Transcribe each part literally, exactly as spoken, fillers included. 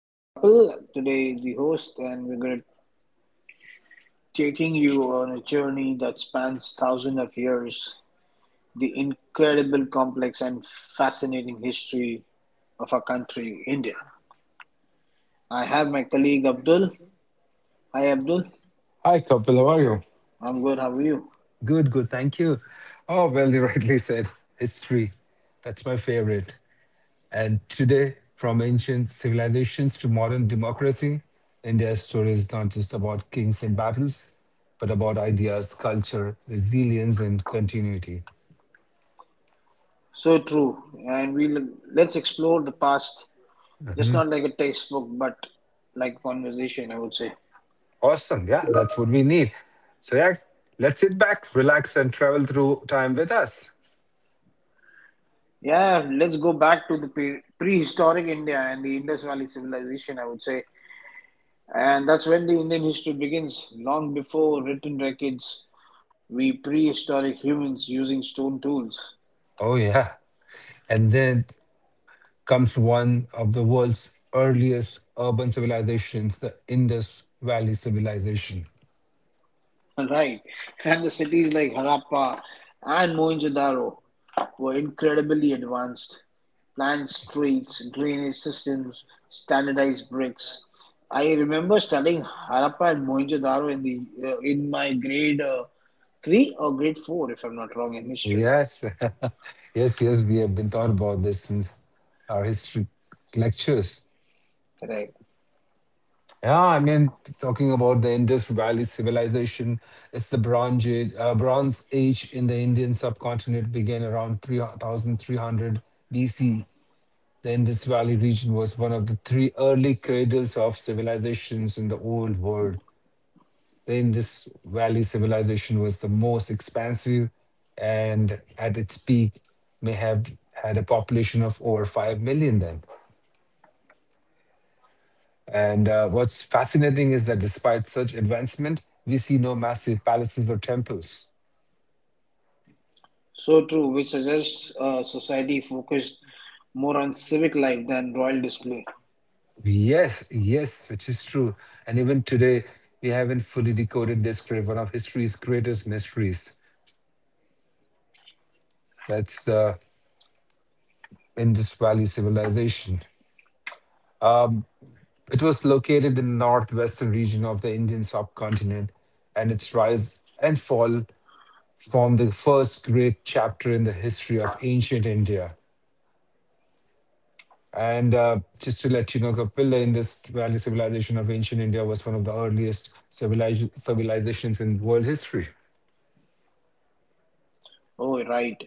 I'm Kapil, today the host, and we're going to taking you on a journey that spans thousands of years, the incredible, complex, and fascinating history of our country, India. I have my colleague Abdul. Hi, Abdul. Hi, Kapil. How are you? I'm good. How are you? Good, good. Thank you. Oh, well, you rightly said history. That's my favorite. And today, from ancient civilizations to modern democracy, India's story is not just about kings and battles, but about ideas, culture, resilience, and continuity. So true. And we will let's explore the past, just not like a textbook, but like a conversation, I would say. Awesome. Yeah, that's what we need. So, yeah, let's sit back, relax, and travel through time with us. Yeah, let's go back to the pre- prehistoric India and the Indus Valley civilization, I would say. And that's when the Indian history begins, long before written records. We prehistoric humans using stone tools. Oh, yeah. And then comes one of the world's earliest urban civilizations, the Indus Valley Civilization. Right. And the cities like Harappa and Mohenjo-daro were incredibly advanced. Planned streets, drainage systems, standardized bricks. I remember studying Harappa and Mohenjo-daro in the uh, in my grade uh, three or grade four, if I'm not wrong, in history. Yes, yes, yes, we have been taught about this in our history lectures. Correct. Yeah, I mean, talking about the Indus Valley Civilization, it's the Bronze Age, uh, Bronze Age in the Indian subcontinent began around three thousand three hundred B C. The Indus Valley region was one of the three early cradles of civilizations in the old world. The Indus Valley civilization was the most expansive, and at its peak may have had a population of over 5 million then. And uh, what's fascinating is that despite such advancement, we see no massive palaces or temples. So true, which suggests uh, society focused more on civic life than royal display. Yes, yes, which is true. And even today, we haven't fully decoded this great, one of history's greatest mysteries. That's the Indus Valley civilization. It was located in the northwestern region of the Indian subcontinent, and its rise and fall formed the first great chapter in the history of ancient India. And uh, just to let you know, Kapil, the Indus Valley civilization of ancient India was one of the earliest civiliz- civilizations in world history. Oh, right.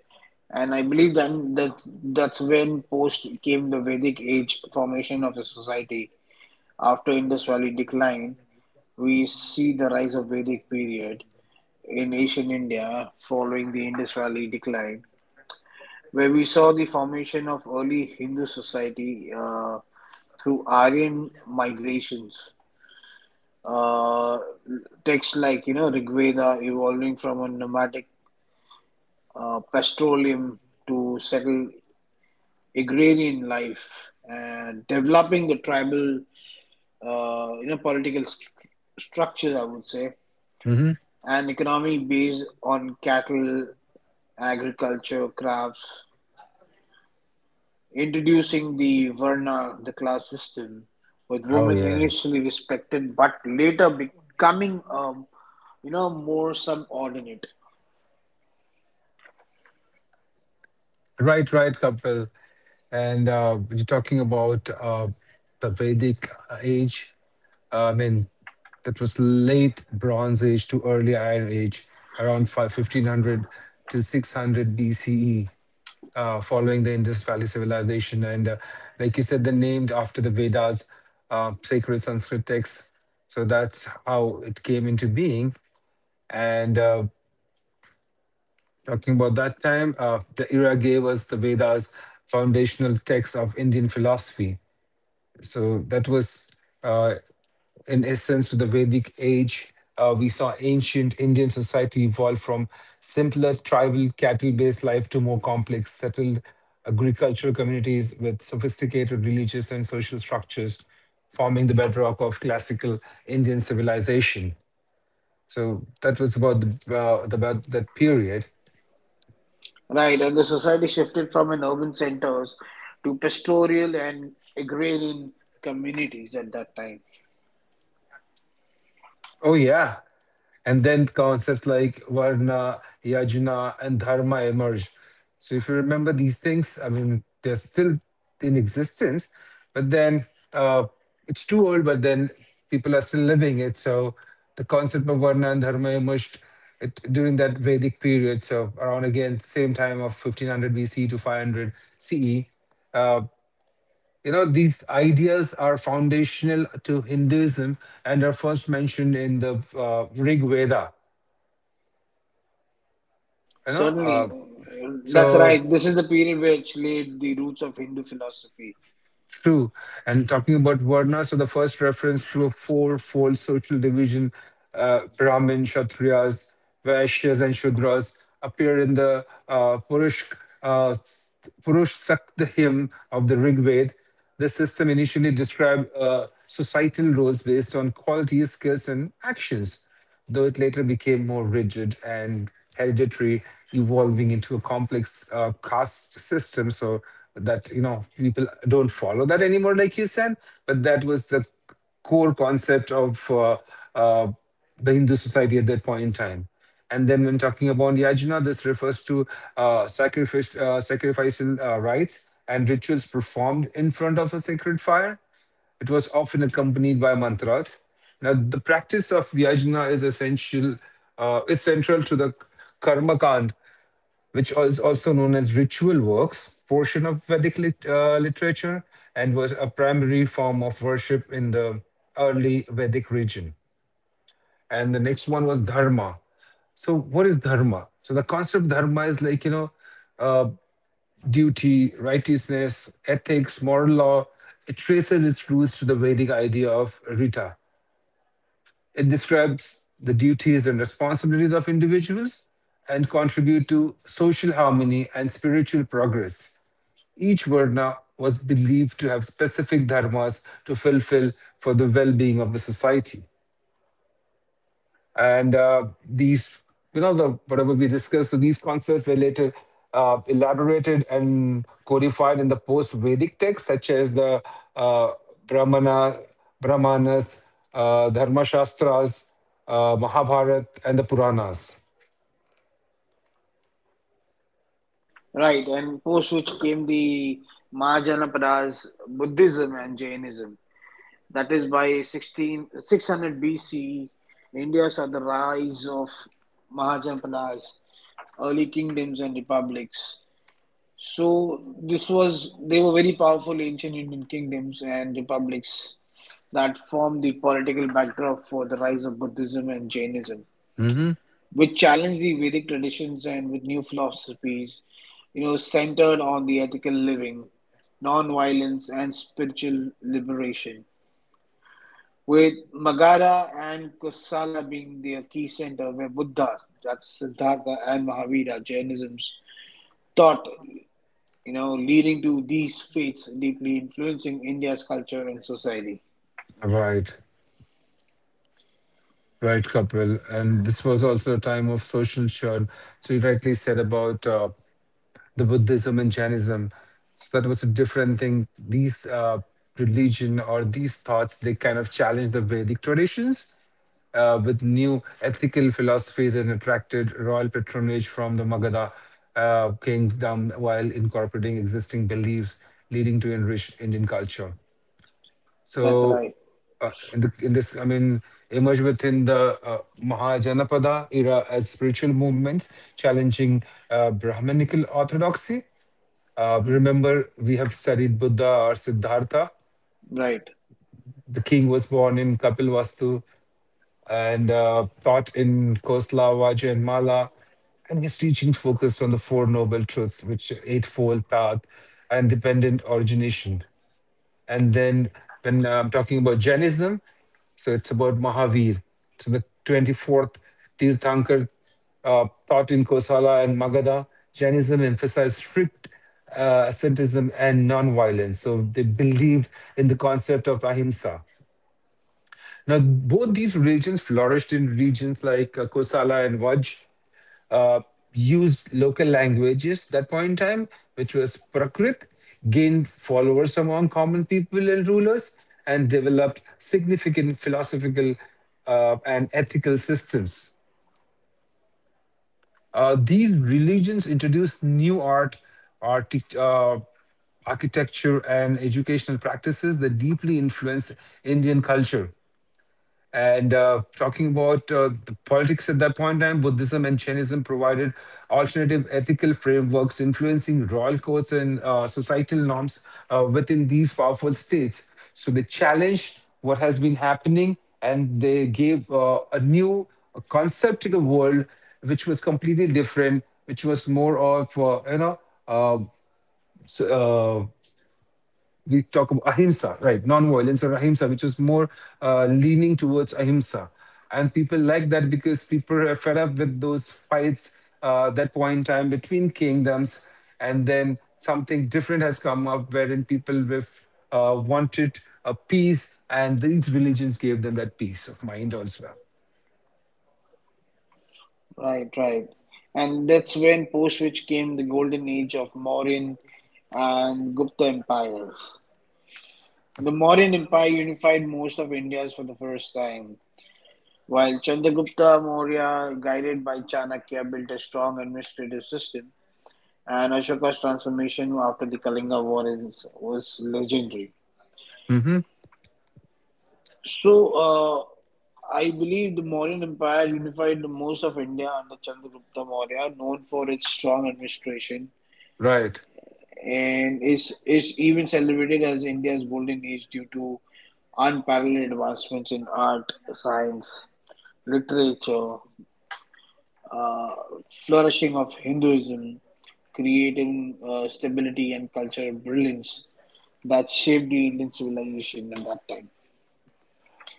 And I believe then that that's when post came the Vedic age formation of the society. After Indus Valley decline, we see the rise of Vedic period in ancient India following the Indus Valley decline, where we saw the formation of early Hindu society uh, through Aryan migrations. Uh, Texts like you know Rig Veda, evolving from a nomadic uh, pastoralism to settle agrarian life, and developing the tribal uh, you know political st- structures, I would say, Hmm. and economy based on cattle, agriculture, crafts, introducing the varna, the class system, with Oh, women yeah. initially respected but later becoming um, you know more subordinate. Right, right, Kapil. And uh, you're talking about uh, the Vedic uh, age. uh, I mean, that was late Bronze Age to early Iron Age, around five fifteen hundred to six hundred B C E, uh, following the Indus Valley civilization. And uh, like you said, they're named after the Vedas, uh, sacred Sanskrit texts. So that's how it came into being. And uh, talking about that time, uh, the era gave us the Vedas, foundational texts of Indian philosophy. So that was, uh, in essence, to the Vedic age. Uh, we saw ancient Indian society evolve from simpler tribal cattle based life to more complex settled agricultural communities with sophisticated religious and social structures, forming the bedrock of classical Indian civilization. So that was about the, uh, about that period. Right. And the society shifted from an urban centers to pastoral and agrarian communities at that time. Oh yeah. And then concepts like Varna, Yajna, and Dharma emerge. So if you remember these things, I mean, they're still in existence, but then uh, it's too old, but then people are still living it. So the concept of Varna and Dharma emerged it, during that Vedic period. So around again, same time of fifteen hundred B C to five hundred C E. You know, these ideas are foundational to Hinduism and are first mentioned in the uh, Rig Veda. You know, uh, Certainly, uh, that's so right. This is the period which laid the roots of Hindu philosophy, it's true. And talking about Varna, so the first reference to a fourfold social division, uh, Brahmin, Kshatriyas, Vaishyas, and Shudras, appear in the uh, Purush, uh, Purush Sakta hymn of the Rig Veda. The system initially described uh, societal roles based on qualities, skills, and actions, though it later became more rigid and hereditary, evolving into a complex uh, caste system. So that, you know people don't follow that anymore, like you said. But that was the core concept of uh, uh, the Hindu society at that point in time. And then when talking about yajna, this refers to uh, sacrifice, uh, sacrificial uh, rites and rituals performed in front of a sacred fire. It was often accompanied by mantras. Now, the practice of Vyajna is essential, uh, is central to the karmakand, which is also known as ritual works portion of Vedic lit- uh, literature, and was a primary form of worship in the early Vedic region. And the next one was Dharma. So, what is Dharma? So, the concept of Dharma is like, you know, uh, duty, righteousness, ethics, moral law. It traces its roots to the Vedic idea of Rita. It describes the duties and responsibilities of individuals and contribute to social harmony and spiritual progress. Each Varna was believed to have specific dharmas to fulfill for the well being of the society. And uh, these you know the whatever we discussed, so these concepts were later uh, elaborated and codified in the post vedic texts such as the uh, brahmana brahmanas, uh, dharma shastras, uh, mahabharat, and the puranas. right? And post which came the Mahajanapadas, Buddhism and Jainism. That is by sixteen six hundred B C. India saw the rise of Mahajanapadas, early kingdoms and republics. So this was they were very powerful ancient Indian kingdoms and republics that formed the political backdrop for the rise of Buddhism and Jainism, which challenged the Vedic traditions and with new philosophies, you know, centered on the ethical living, non-violence, and spiritual liberation. With Magadha and Kosala being their key center, where Buddhas, that's Siddhartha and Mahavira, Jainism's thought, you know, leading to these faiths deeply influencing India's culture and society. Right, right, Kapil. And this was also a time of social churn. So you rightly said about uh, the Buddhism and Jainism. So that was a different thing. These uh, religion or these thoughts, they kind of challenged the Vedic traditions uh, with new ethical philosophies and attracted royal patronage from the Magadha uh, kingdom, while incorporating existing beliefs, leading to enriched Indian culture. That's So, right. uh, in, the, in this, I mean, emerged within the uh, Mahajanapada era as spiritual movements challenging uh, Brahmanical orthodoxy. uh, Mm-hmm. Remember, we have studied Buddha or Siddhartha. Right. The king was born in Kapilvastu and uh, taught in Kosla, Vajra, and Mala. And his teaching focused on the Four Noble Truths, which Eightfold Path and dependent origination. And then when I'm talking about Jainism, so it's about Mahavir. So the twenty-fourth Tirthankar uh, taught in Kosala and Magadha. Jainism emphasized strict uh, asceticism and non-violence. So they believed in the concept of ahimsa. Now, both these religions flourished in regions like uh, Kosala and Vaj, uh, used local languages that point in time, which was Prakrit, gained followers among common people and rulers, and developed significant philosophical uh, and ethical systems. Uh, these religions introduced new art, artic- uh, architecture, and educational practices that deeply influenced Indian culture. And uh, talking about uh, the politics at that point in time, Buddhism and Jainism provided alternative ethical frameworks influencing royal codes and uh, societal norms uh, within these powerful states. So they challenged what has been happening and they gave uh, a new concept to the world, which was completely different, which was more of, uh, you know, uh, s- uh, we talk about ahimsa, right? Non-violence or ahimsa, which is more uh, leaning towards ahimsa. And people like that because people are fed up with those fights uh, that point in time between kingdoms. And then something different has come up wherein people with, uh, wanted a peace, and these religions gave them that peace of mind as well. Right, right. And that's when post-which came the golden age of Mauryan and Gupta empires. The Mauryan Empire unified most of India for the first time, while Chandragupta Maurya, guided by Chanakya, built a strong administrative system, and Ashoka's transformation after the Kalinga War is, was legendary. Hmm. So, uh, I believe the Mauryan Empire unified the most of India under Chandragupta Maurya, known for its strong administration, Right. and is is even celebrated as India's golden age due to unparalleled advancements in art, science, literature, uh, flourishing of Hinduism, creating uh, stability and cultural brilliance that shaped the Indian civilization at that time.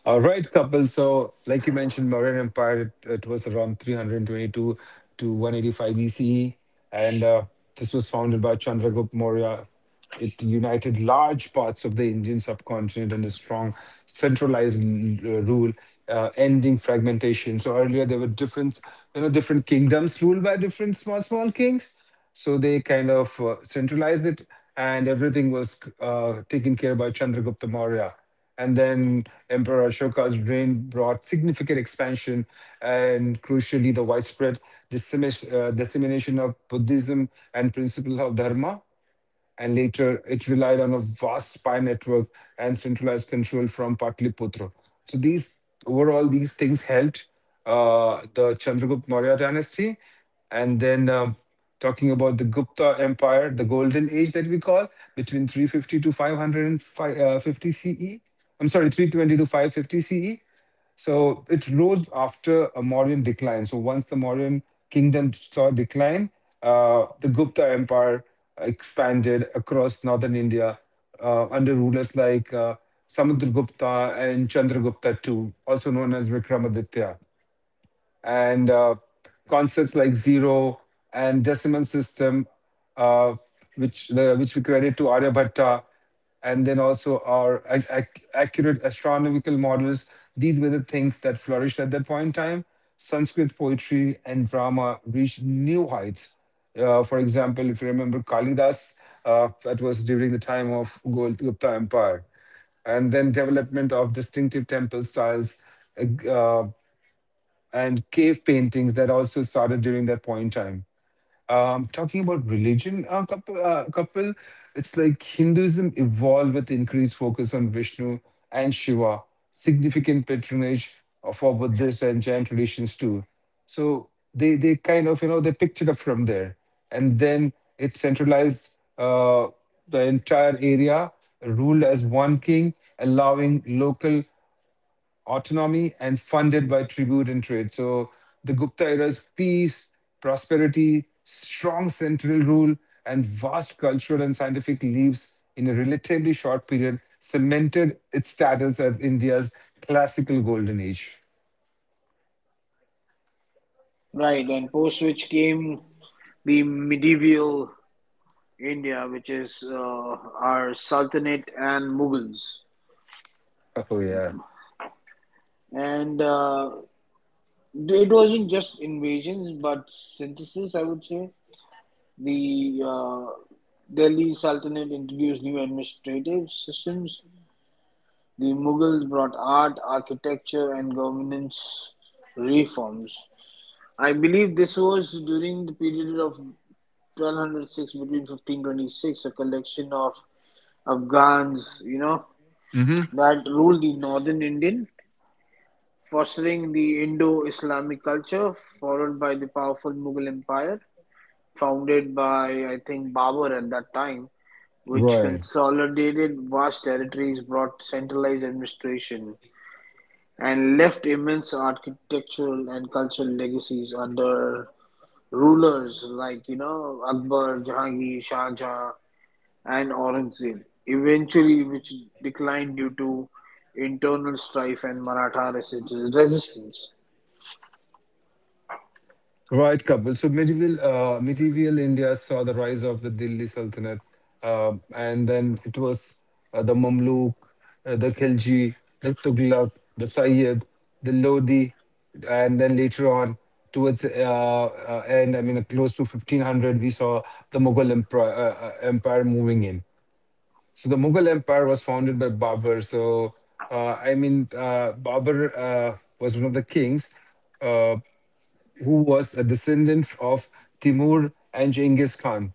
All right, Kapil. So, like you mentioned, Mauryan Empire, it, it was around three hundred twenty-two to one eighty-five B C E. And uh, this was founded by Chandragupta Maurya. It united large parts of the Indian subcontinent in a strong centralized l- uh, rule, uh, ending fragmentation. So earlier there were different, you know, different kingdoms ruled by different small, small kings. So they kind of uh, centralized it, and everything was uh, taken care by Chandragupta Maurya. And then Emperor Ashoka's reign brought significant expansion and, crucially, the widespread dissemis- uh, dissemination of Buddhism and principles of Dharma, and later it relied on a vast spy network and centralized control from Patliputra. So these overall these things helped uh, the Chandragupta Maurya dynasty, and then um, talking about the Gupta Empire, the Golden Age that we call between three fifty to five hundred fifty C E. I'm sorry, three twenty to five fifty C E. So it rose after a Mauryan decline. So once the Mauryan kingdom saw decline, uh, the Gupta Empire expanded across northern India uh, under rulers like uh, Samudragupta and Chandragupta the second, also known as Vikramaditya, and uh, concepts like zero and decimal system, uh, which the, which we credit to Aryabhatta, and then also our ac- ac- accurate astronomical models. These were the things that flourished at that point in time. Sanskrit poetry and drama reached new heights. Uh, for example, if you remember Kalidas, uh, that was during the time of Gol- Gupta Empire, and then development of distinctive temple styles uh, and cave paintings that also started during that point in time. Um, talking about religion, uh, couple, uh, couple, it's like Hinduism evolved with increased focus on Vishnu and Shiva, significant patronage for Buddhist and Jain traditions too. So they they kind of you know they picked it up from there, and then it centralized uh, the entire area, ruled as one king, allowing local autonomy and funded by tribute and trade. So the Gupta era's peace, prosperity, strong central rule, and vast cultural and scientific leaps in a relatively short period cemented its status as India's classical golden age. Right, and post which came the medieval India, which is uh, our Sultanate and Mughals. Oh, yeah. And uh, it wasn't just invasions, but synthesis, I would say. The uh, Delhi Sultanate introduced new administrative systems. The Mughals brought art, architecture, and governance reforms. I believe this was during the period of twelve hundred six between fifteen twenty-six, a collection of Afghans, you know, Hmm. that ruled the northern Indian, fostering the Indo Islamic culture, followed by the powerful Mughal Empire, founded by, I think, Babur at that time, which Right. consolidated vast territories, brought centralized administration, and left immense architectural and cultural legacies under rulers like you know Akbar, Jahangir, Shah Jahan, and Aurangzeb. Eventually, which declined due to internal strife and Maratha resist- resistance. Right, Kapil. So medieval uh, medieval India saw the rise of the Delhi Sultanate, uh, and then it was uh, the Mamluk, uh, the Khilji, the Tughlaq, the Sayyid, the Lodi, and then later on towards uh, uh, end, I mean, uh, close to fifteen hundred, we saw the Mughal empire, uh, uh, empire moving in. So the Mughal empire was founded by Babur. So uh, I mean, uh, Babur uh, was one of the kings, uh who was a descendant of Timur and Genghis Khan.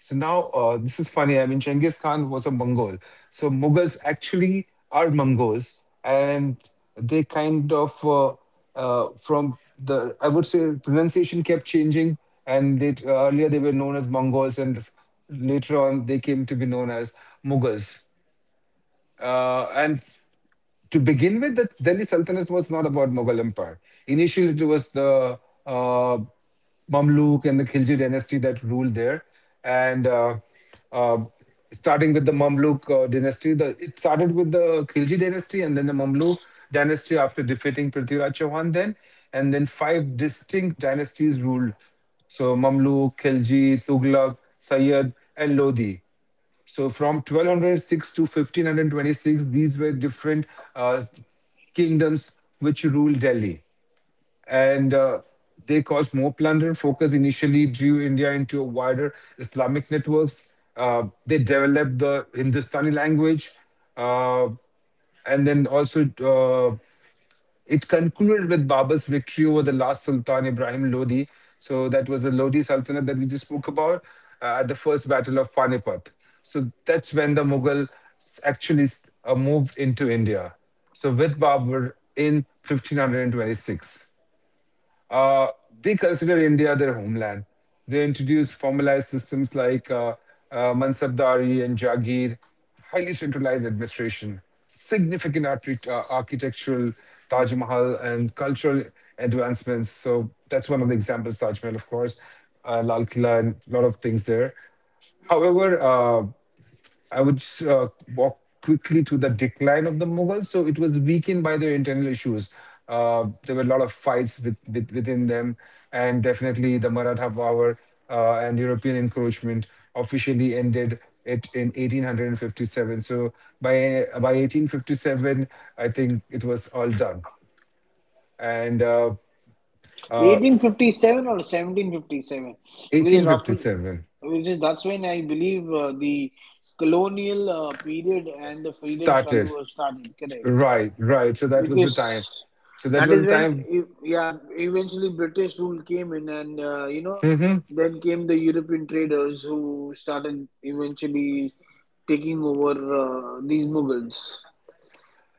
So now, uh, this is funny. I mean, Genghis Khan was a Mongol. So Mughals actually are Mongols, and they kind of, uh, uh, from the, I would say, pronunciation kept changing. And they, earlier they were known as Mongols, and later on they came to be known as Mughals. Uh, and to begin with, the Delhi Sultanate was not about Mughal Empire. Initially, it was the uh, Mamluk and the Khilji dynasty that ruled there. And uh, uh, starting with the Mamluk uh, dynasty, the, it started with the Khilji dynasty and then the Mamluk dynasty after defeating Prithviraj Chauhan then. And then five distinct dynasties ruled. So Mamluk, Khilji, Tughlaq, Sayyid, and Lodi. So from twelve hundred six to fifteen hundred twenty six, these were different uh, kingdoms which ruled Delhi, and uh, they caused more plunder. Focus initially drew India into a wider Islamic networks. Uh, they developed the Hindustani language, uh, and then also, uh, it concluded with Babur's victory over the last Sultan Ibrahim Lodi. So that was the Lodi Sultanate that we just spoke about, uh, at the first battle of Panipat. So that's when the Mughal actually uh, moved into India. So with Babur in fifteen hundred twenty six. Uh, they consider India their homeland. They introduced formalized systems like uh, uh, Mansabdari and Jagir, highly centralized administration, significant archi- uh, architectural Taj Mahal and cultural advancements. So that's one of the examples, Taj Mahal, of course, uh, Lal Killa, and a lot of things there. However, uh, I would s- uh, walk quickly to the decline of the Mughals. So it was weakened by their internal issues. Uh, there were a lot of fights with, with, within them, and definitely the Maratha power uh, and European encroachment officially ended it in eighteen fifty seven. So by by eighteen fifty seven, I think it was all done. And uh, eighteen fifty-seven or seventeen fifty-seven? Because roughly, eighteen fifty seven which is that's when I believe uh, the colonial uh, period and the freedom struggle started. was started, correct? Right, right. So that was the Because time. So that that was is the when, time. e- yeah, eventually British rule came in, and uh, you know Mm-hmm. then came the European traders who started eventually taking over uh, these Mughals.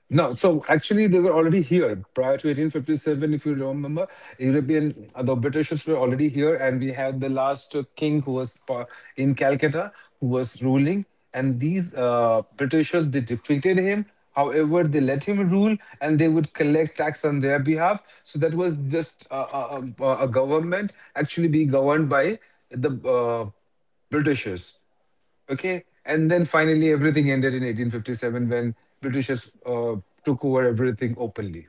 No, so actually they were already here prior to eighteen fifty seven. If you remember, European uh, the Britishers were already here, and we had the last uh, king who was pa- in Calcutta who was ruling, and these uh, Britishers they defeated him. However, they let him rule, and they would collect tax on their behalf. So that was just a, a, a a government actually being governed by the uh, Britishers. Okay, and then finally everything ended in eighteen fifty seven when Britishers uh, took over everything openly.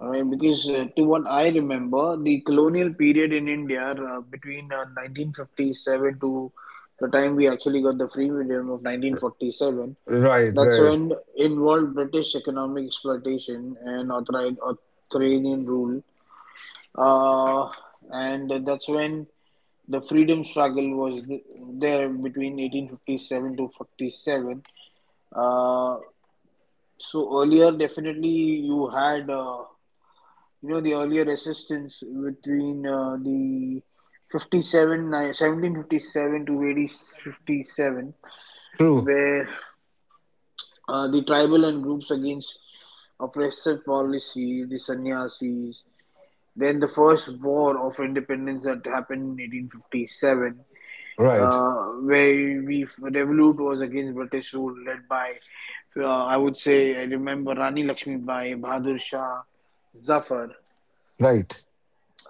All right, because uh, to what I remember, the colonial period in India, uh, between uh, nineteen fifty-seven to the time we actually got the freedom of nineteen forty-seven, Right, that's right. when involved British economic exploitation and authori authoritarian rule. Uh, and that's when the freedom struggle was th- there between eighteen fifty-seven to forty-seven. Uh, so earlier, definitely you had. Uh, you know the earlier resistance between uh, the fifty-seven ni- to eighteen fifty-seven, True. where uh, the tribal and groups against oppressive policies, the sannyasis, then the first war of independence that happened in eighteen fifty-seven, Right, uh, where we revolt was against British rule led by, uh, I would say, I remember, Rani Lakshmi Bai, Bahadur Shah Zafar, right,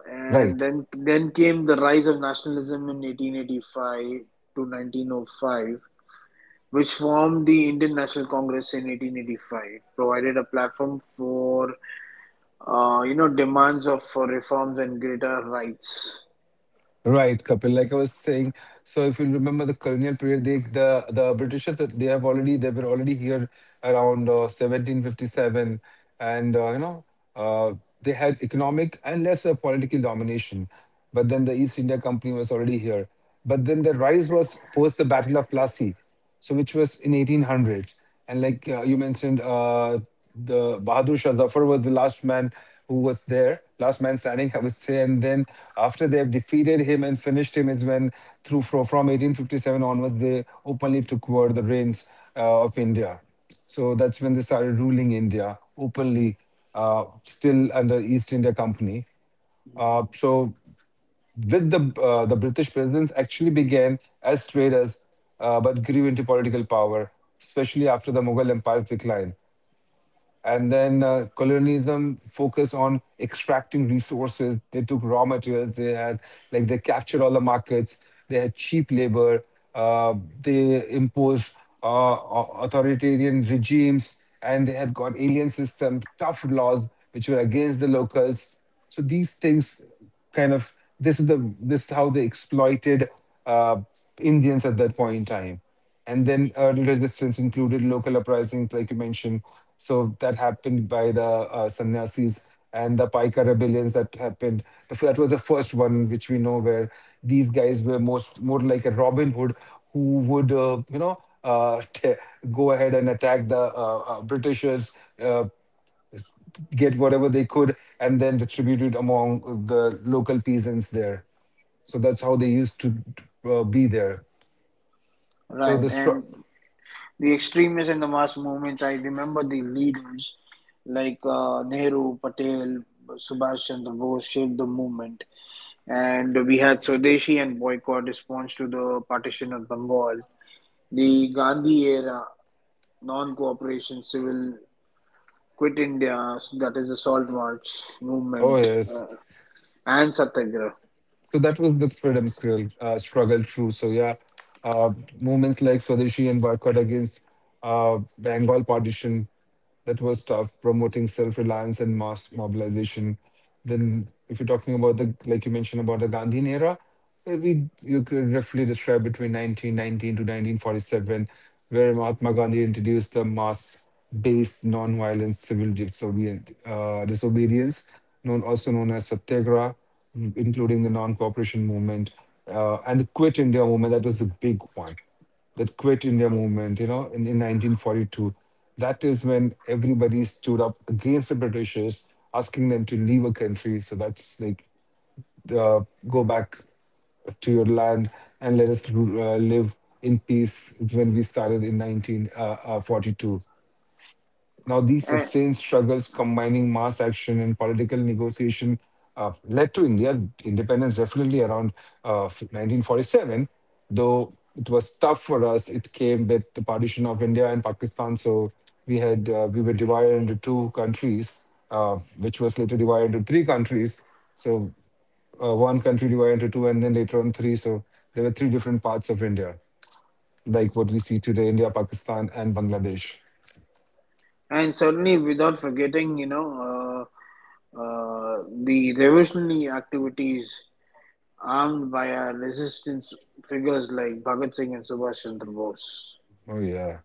and right. then then came the rise of nationalism in eighteen eighty-five to nineteen oh five, which formed the Indian National Congress in eighteen eighty-five, provided a platform for uh, you know demands of for reforms and greater rights. Right, Kapil. Like I was saying, so if you remember the colonial period, they, the the Britishers uh, they have already they were already here around uh, seventeen fifty seven, and uh, you know uh, they had economic and lesser political domination. But then the East India Company was already here. But then the rise was post the Battle of Plassey, so which was in eighteen hundreds, and like uh, you mentioned, uh, the Bahadur Shah Zafar was the last man who was there, last man standing I would say, and then after they have defeated him and finished him is when through fro- from eighteen fifty seven onwards they openly took over the reins uh, of India. So that's when they started ruling India openly, uh, still under East India Company. Uh, so with the uh, the British presence actually began as traders, uh, but grew into political power, especially after the Mughal Empire's decline. And then uh, colonialism focused on extracting resources. They took raw materials. They had, like they captured all the markets. They had cheap labor. uh, they imposed uh, au- authoritarian regimes, and they had got alien system tough laws which were against the locals. So these things kind of, this is the this is how they exploited uh, Indians at that point in time. And then early resistance included local uprisings, like you mentioned. So that happened by the uh, sannyasis and the Paika rebellions that happened. The That was the first one which we know, where these guys were most more like a Robin Hood who would, uh, you know, uh, t- go ahead and attack the uh, uh, Britishers, uh, get whatever they could, and then distribute it among the local peasants there. So that's how they used to uh, be there. So the Right. And stru- the extremists and the mass movements, I remember the leaders like uh, Nehru, Patel, Subhash Chandra Bose shaped the movement. And we had Swadeshi and boycott response to the partition of Bengal. The Gandhi era, non-cooperation, civil, quit India, so that is the salt march oh movement yes. uh, and satyagraha. So that was the freedom struggle, uh, struggle through. So yeah, uh, movements like Swadeshi and boycott against uh, Bengal partition, that was tough, promoting self-reliance and mass mobilization. Then if you're talking about the, like you mentioned about the Gandhi era, uh, we you could roughly describe between nineteen nineteen to nineteen forty seven, where Mahatma Gandhi introduced the mass-based non-violent civil disobedient, uh, disobedience, known also known as Satyagraha, m- including the non-cooperation movement uh, and the Quit India movement. That was the big one. That Quit India movement, you know, in, in nineteen forty two. That is when everybody stood up against the Britishers, asking them to leave a country. So that's like, uh, go back to your land and let us uh, live in peace. Is when we started in nineteen forty two. Now, these and, sustained struggles combining mass action and political negotiation, uh, led to India independence definitely around uh, nineteen forty seven, though it was tough for us. It came with the partition of India and Pakistan, so we had uh, we were divided into two countries, uh, which was later divided into three countries. So uh, one country divided into two and then later on three. So there were three different parts of India, like what we see today: India, Pakistan, and Bangladesh. and certainly without forgetting, you know, uh, uh, the revolutionary activities armed by our resistance figures like Bhagat Singh and Subhash Chandra Bose. Oh, yeah.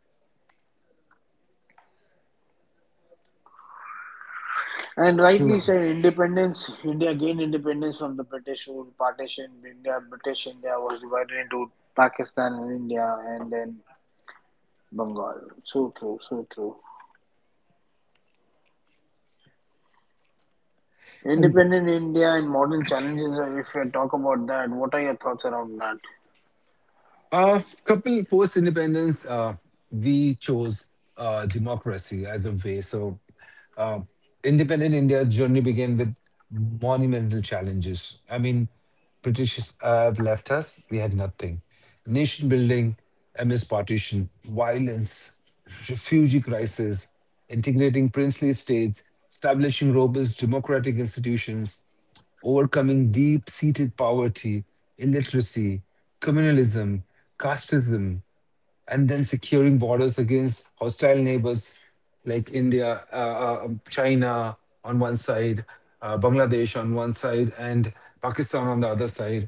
And rightly True. said, independence, India gained independence from the British rule, partition, India, British India was divided into Pakistan and India, and then Bengal. So true, so true. And Independent India and modern challenges, uh, if you talk about that, what are your thoughts around that? a couple post independence, uh, we chose uh, democracy as a way. So, uh, independent India's journey began with monumental challenges. I mean, British have left us, we had nothing. Nation building, M S partition, violence, refugee crisis, integrating princely states, establishing robust democratic institutions. Overcoming deep seated poverty, illiteracy, communalism, casteism, and then securing borders against hostile neighbors like India, uh, uh, um, China on one side, uh, Bangladesh on one side, and Pakistan on the other side.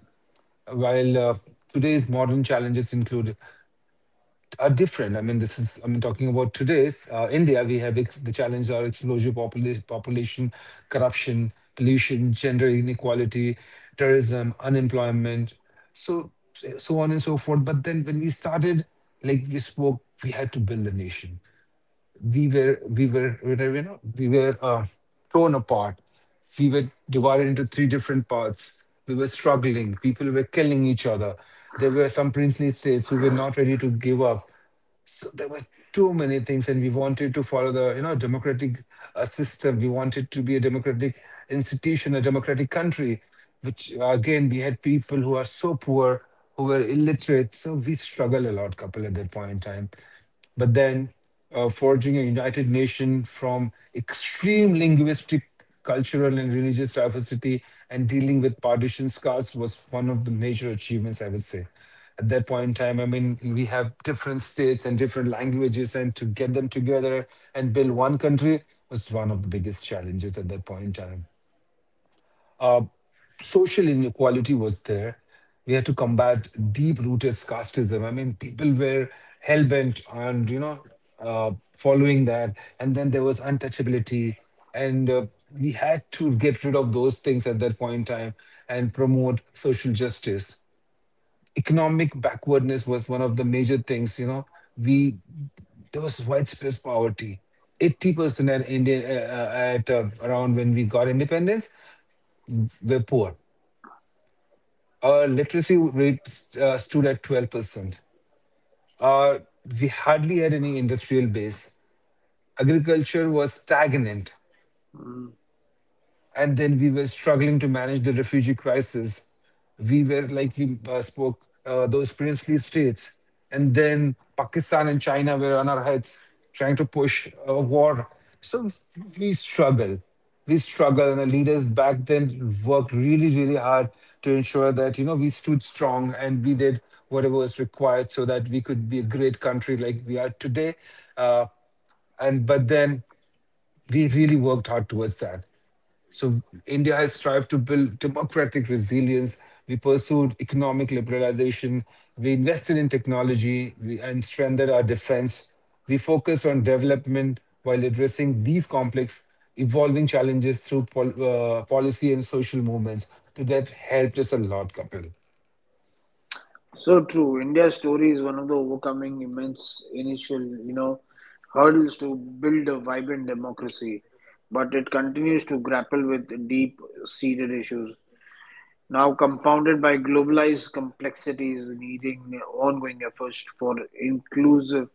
While uh, today's modern challenges include are different. I mean, this is, I'm talking about today's uh, India. We have ex- the challenges are explosive popula- population, corruption, pollution, gender inequality, terrorism, unemployment, so so on and so forth. But then when we started, like we spoke, we had to build a nation. We were we were we were, you know we were uh, torn apart. We were divided into three different parts. We were struggling. People were killing each other. There were some princely states who were not ready to give up, so there were too many things, and we wanted to follow the you know democratic uh, system. We wanted to be a democratic institution, a democratic country, which, uh, again, we had people who are so poor, who were illiterate, so we struggled a lot, couple, at that point in time. But then uh, forging a united nation from extreme linguistic, cultural, and religious diversity and dealing with partition scars was one of the major achievements, I would say. At that point in time, I mean, we have different states and different languages, and to get them together and build one country was one of the biggest challenges at that point in time. Uh, Social inequality was there. We had to combat deep-rooted casteism. I mean, people were hell-bent on, you know, uh, following that. And then there was untouchability. And uh, we had to get rid of those things at that point in time and promote social justice. Economic backwardness was one of the major things, you know. We There was widespread poverty. eighty percent at India uh, uh, at uh, around when we got independence were poor. Our literacy rate uh, stood at twelve percent. Uh, we hardly had any industrial base. Agriculture was stagnant. Mm. And then we were struggling to manage the refugee crisis. We were, like we uh, spoke, uh, those princely states, and then Pakistan and China were on our heads trying to push a war. So we struggle, we struggle, and the leaders back then worked really, really hard to ensure that you know we stood strong and we did whatever was required so that we could be a great country like we are today. Uh, and but then we really worked hard towards that. So India has strived to build democratic resilience. We pursued economic liberalization. We invested in technology, we, and strengthened our defense. We focused on development while addressing these complex, evolving challenges through pol- uh, policy and social movements. So that helped us a lot, Kapil. So true. India's story is one of the overcoming immense initial, you know, hurdles to build a vibrant democracy, but it continues to grapple with deep-seated issues, now compounded by globalized complexities needing ongoing efforts for inclusive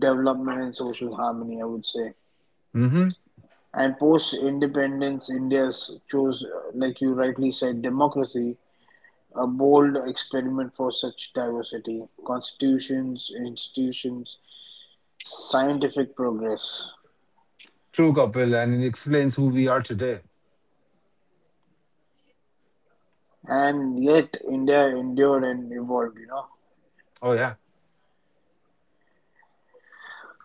development and social harmony, I would say. And post-independence India's chose, uh, like you rightly said, democracy, a bold experiment for such diversity, constitutions, institutions, scientific progress. True, Kapil, and it explains who we are today. And yet India endured and evolved, you know. Oh yeah.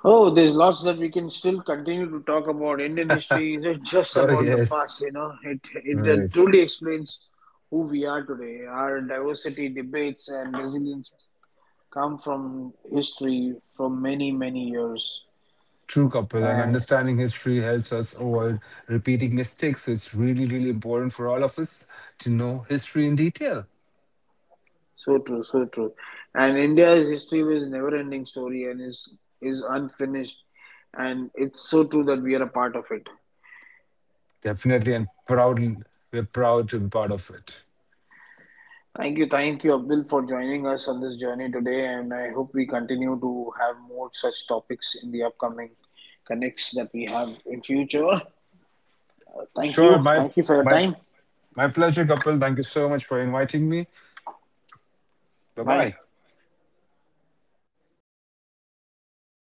Oh, there's lots that we can still continue to talk about. Indian history isn't just Oh about the past, yes. you know. It it uh, Right. truly explains who we are today. Our diversity, debates, and resilience come from history from many many years True, couple, and uh, understanding history helps us avoid repeating mistakes. So it's really, really important for all of us to know history in detail. so true, so true. And India's history was never ending story and is is unfinished, and it's so true that we are a part of it. Definitely and proudly, we're proud to be part of it. Thank you, thank you, Abdul, for joining us on this journey today, and I hope we continue to have more such topics in the upcoming connects that we have in future. Uh, thank Sure, you, my thank you for your my time. my pleasure, couple. Thank you so much for inviting me. Bye Bye. bye.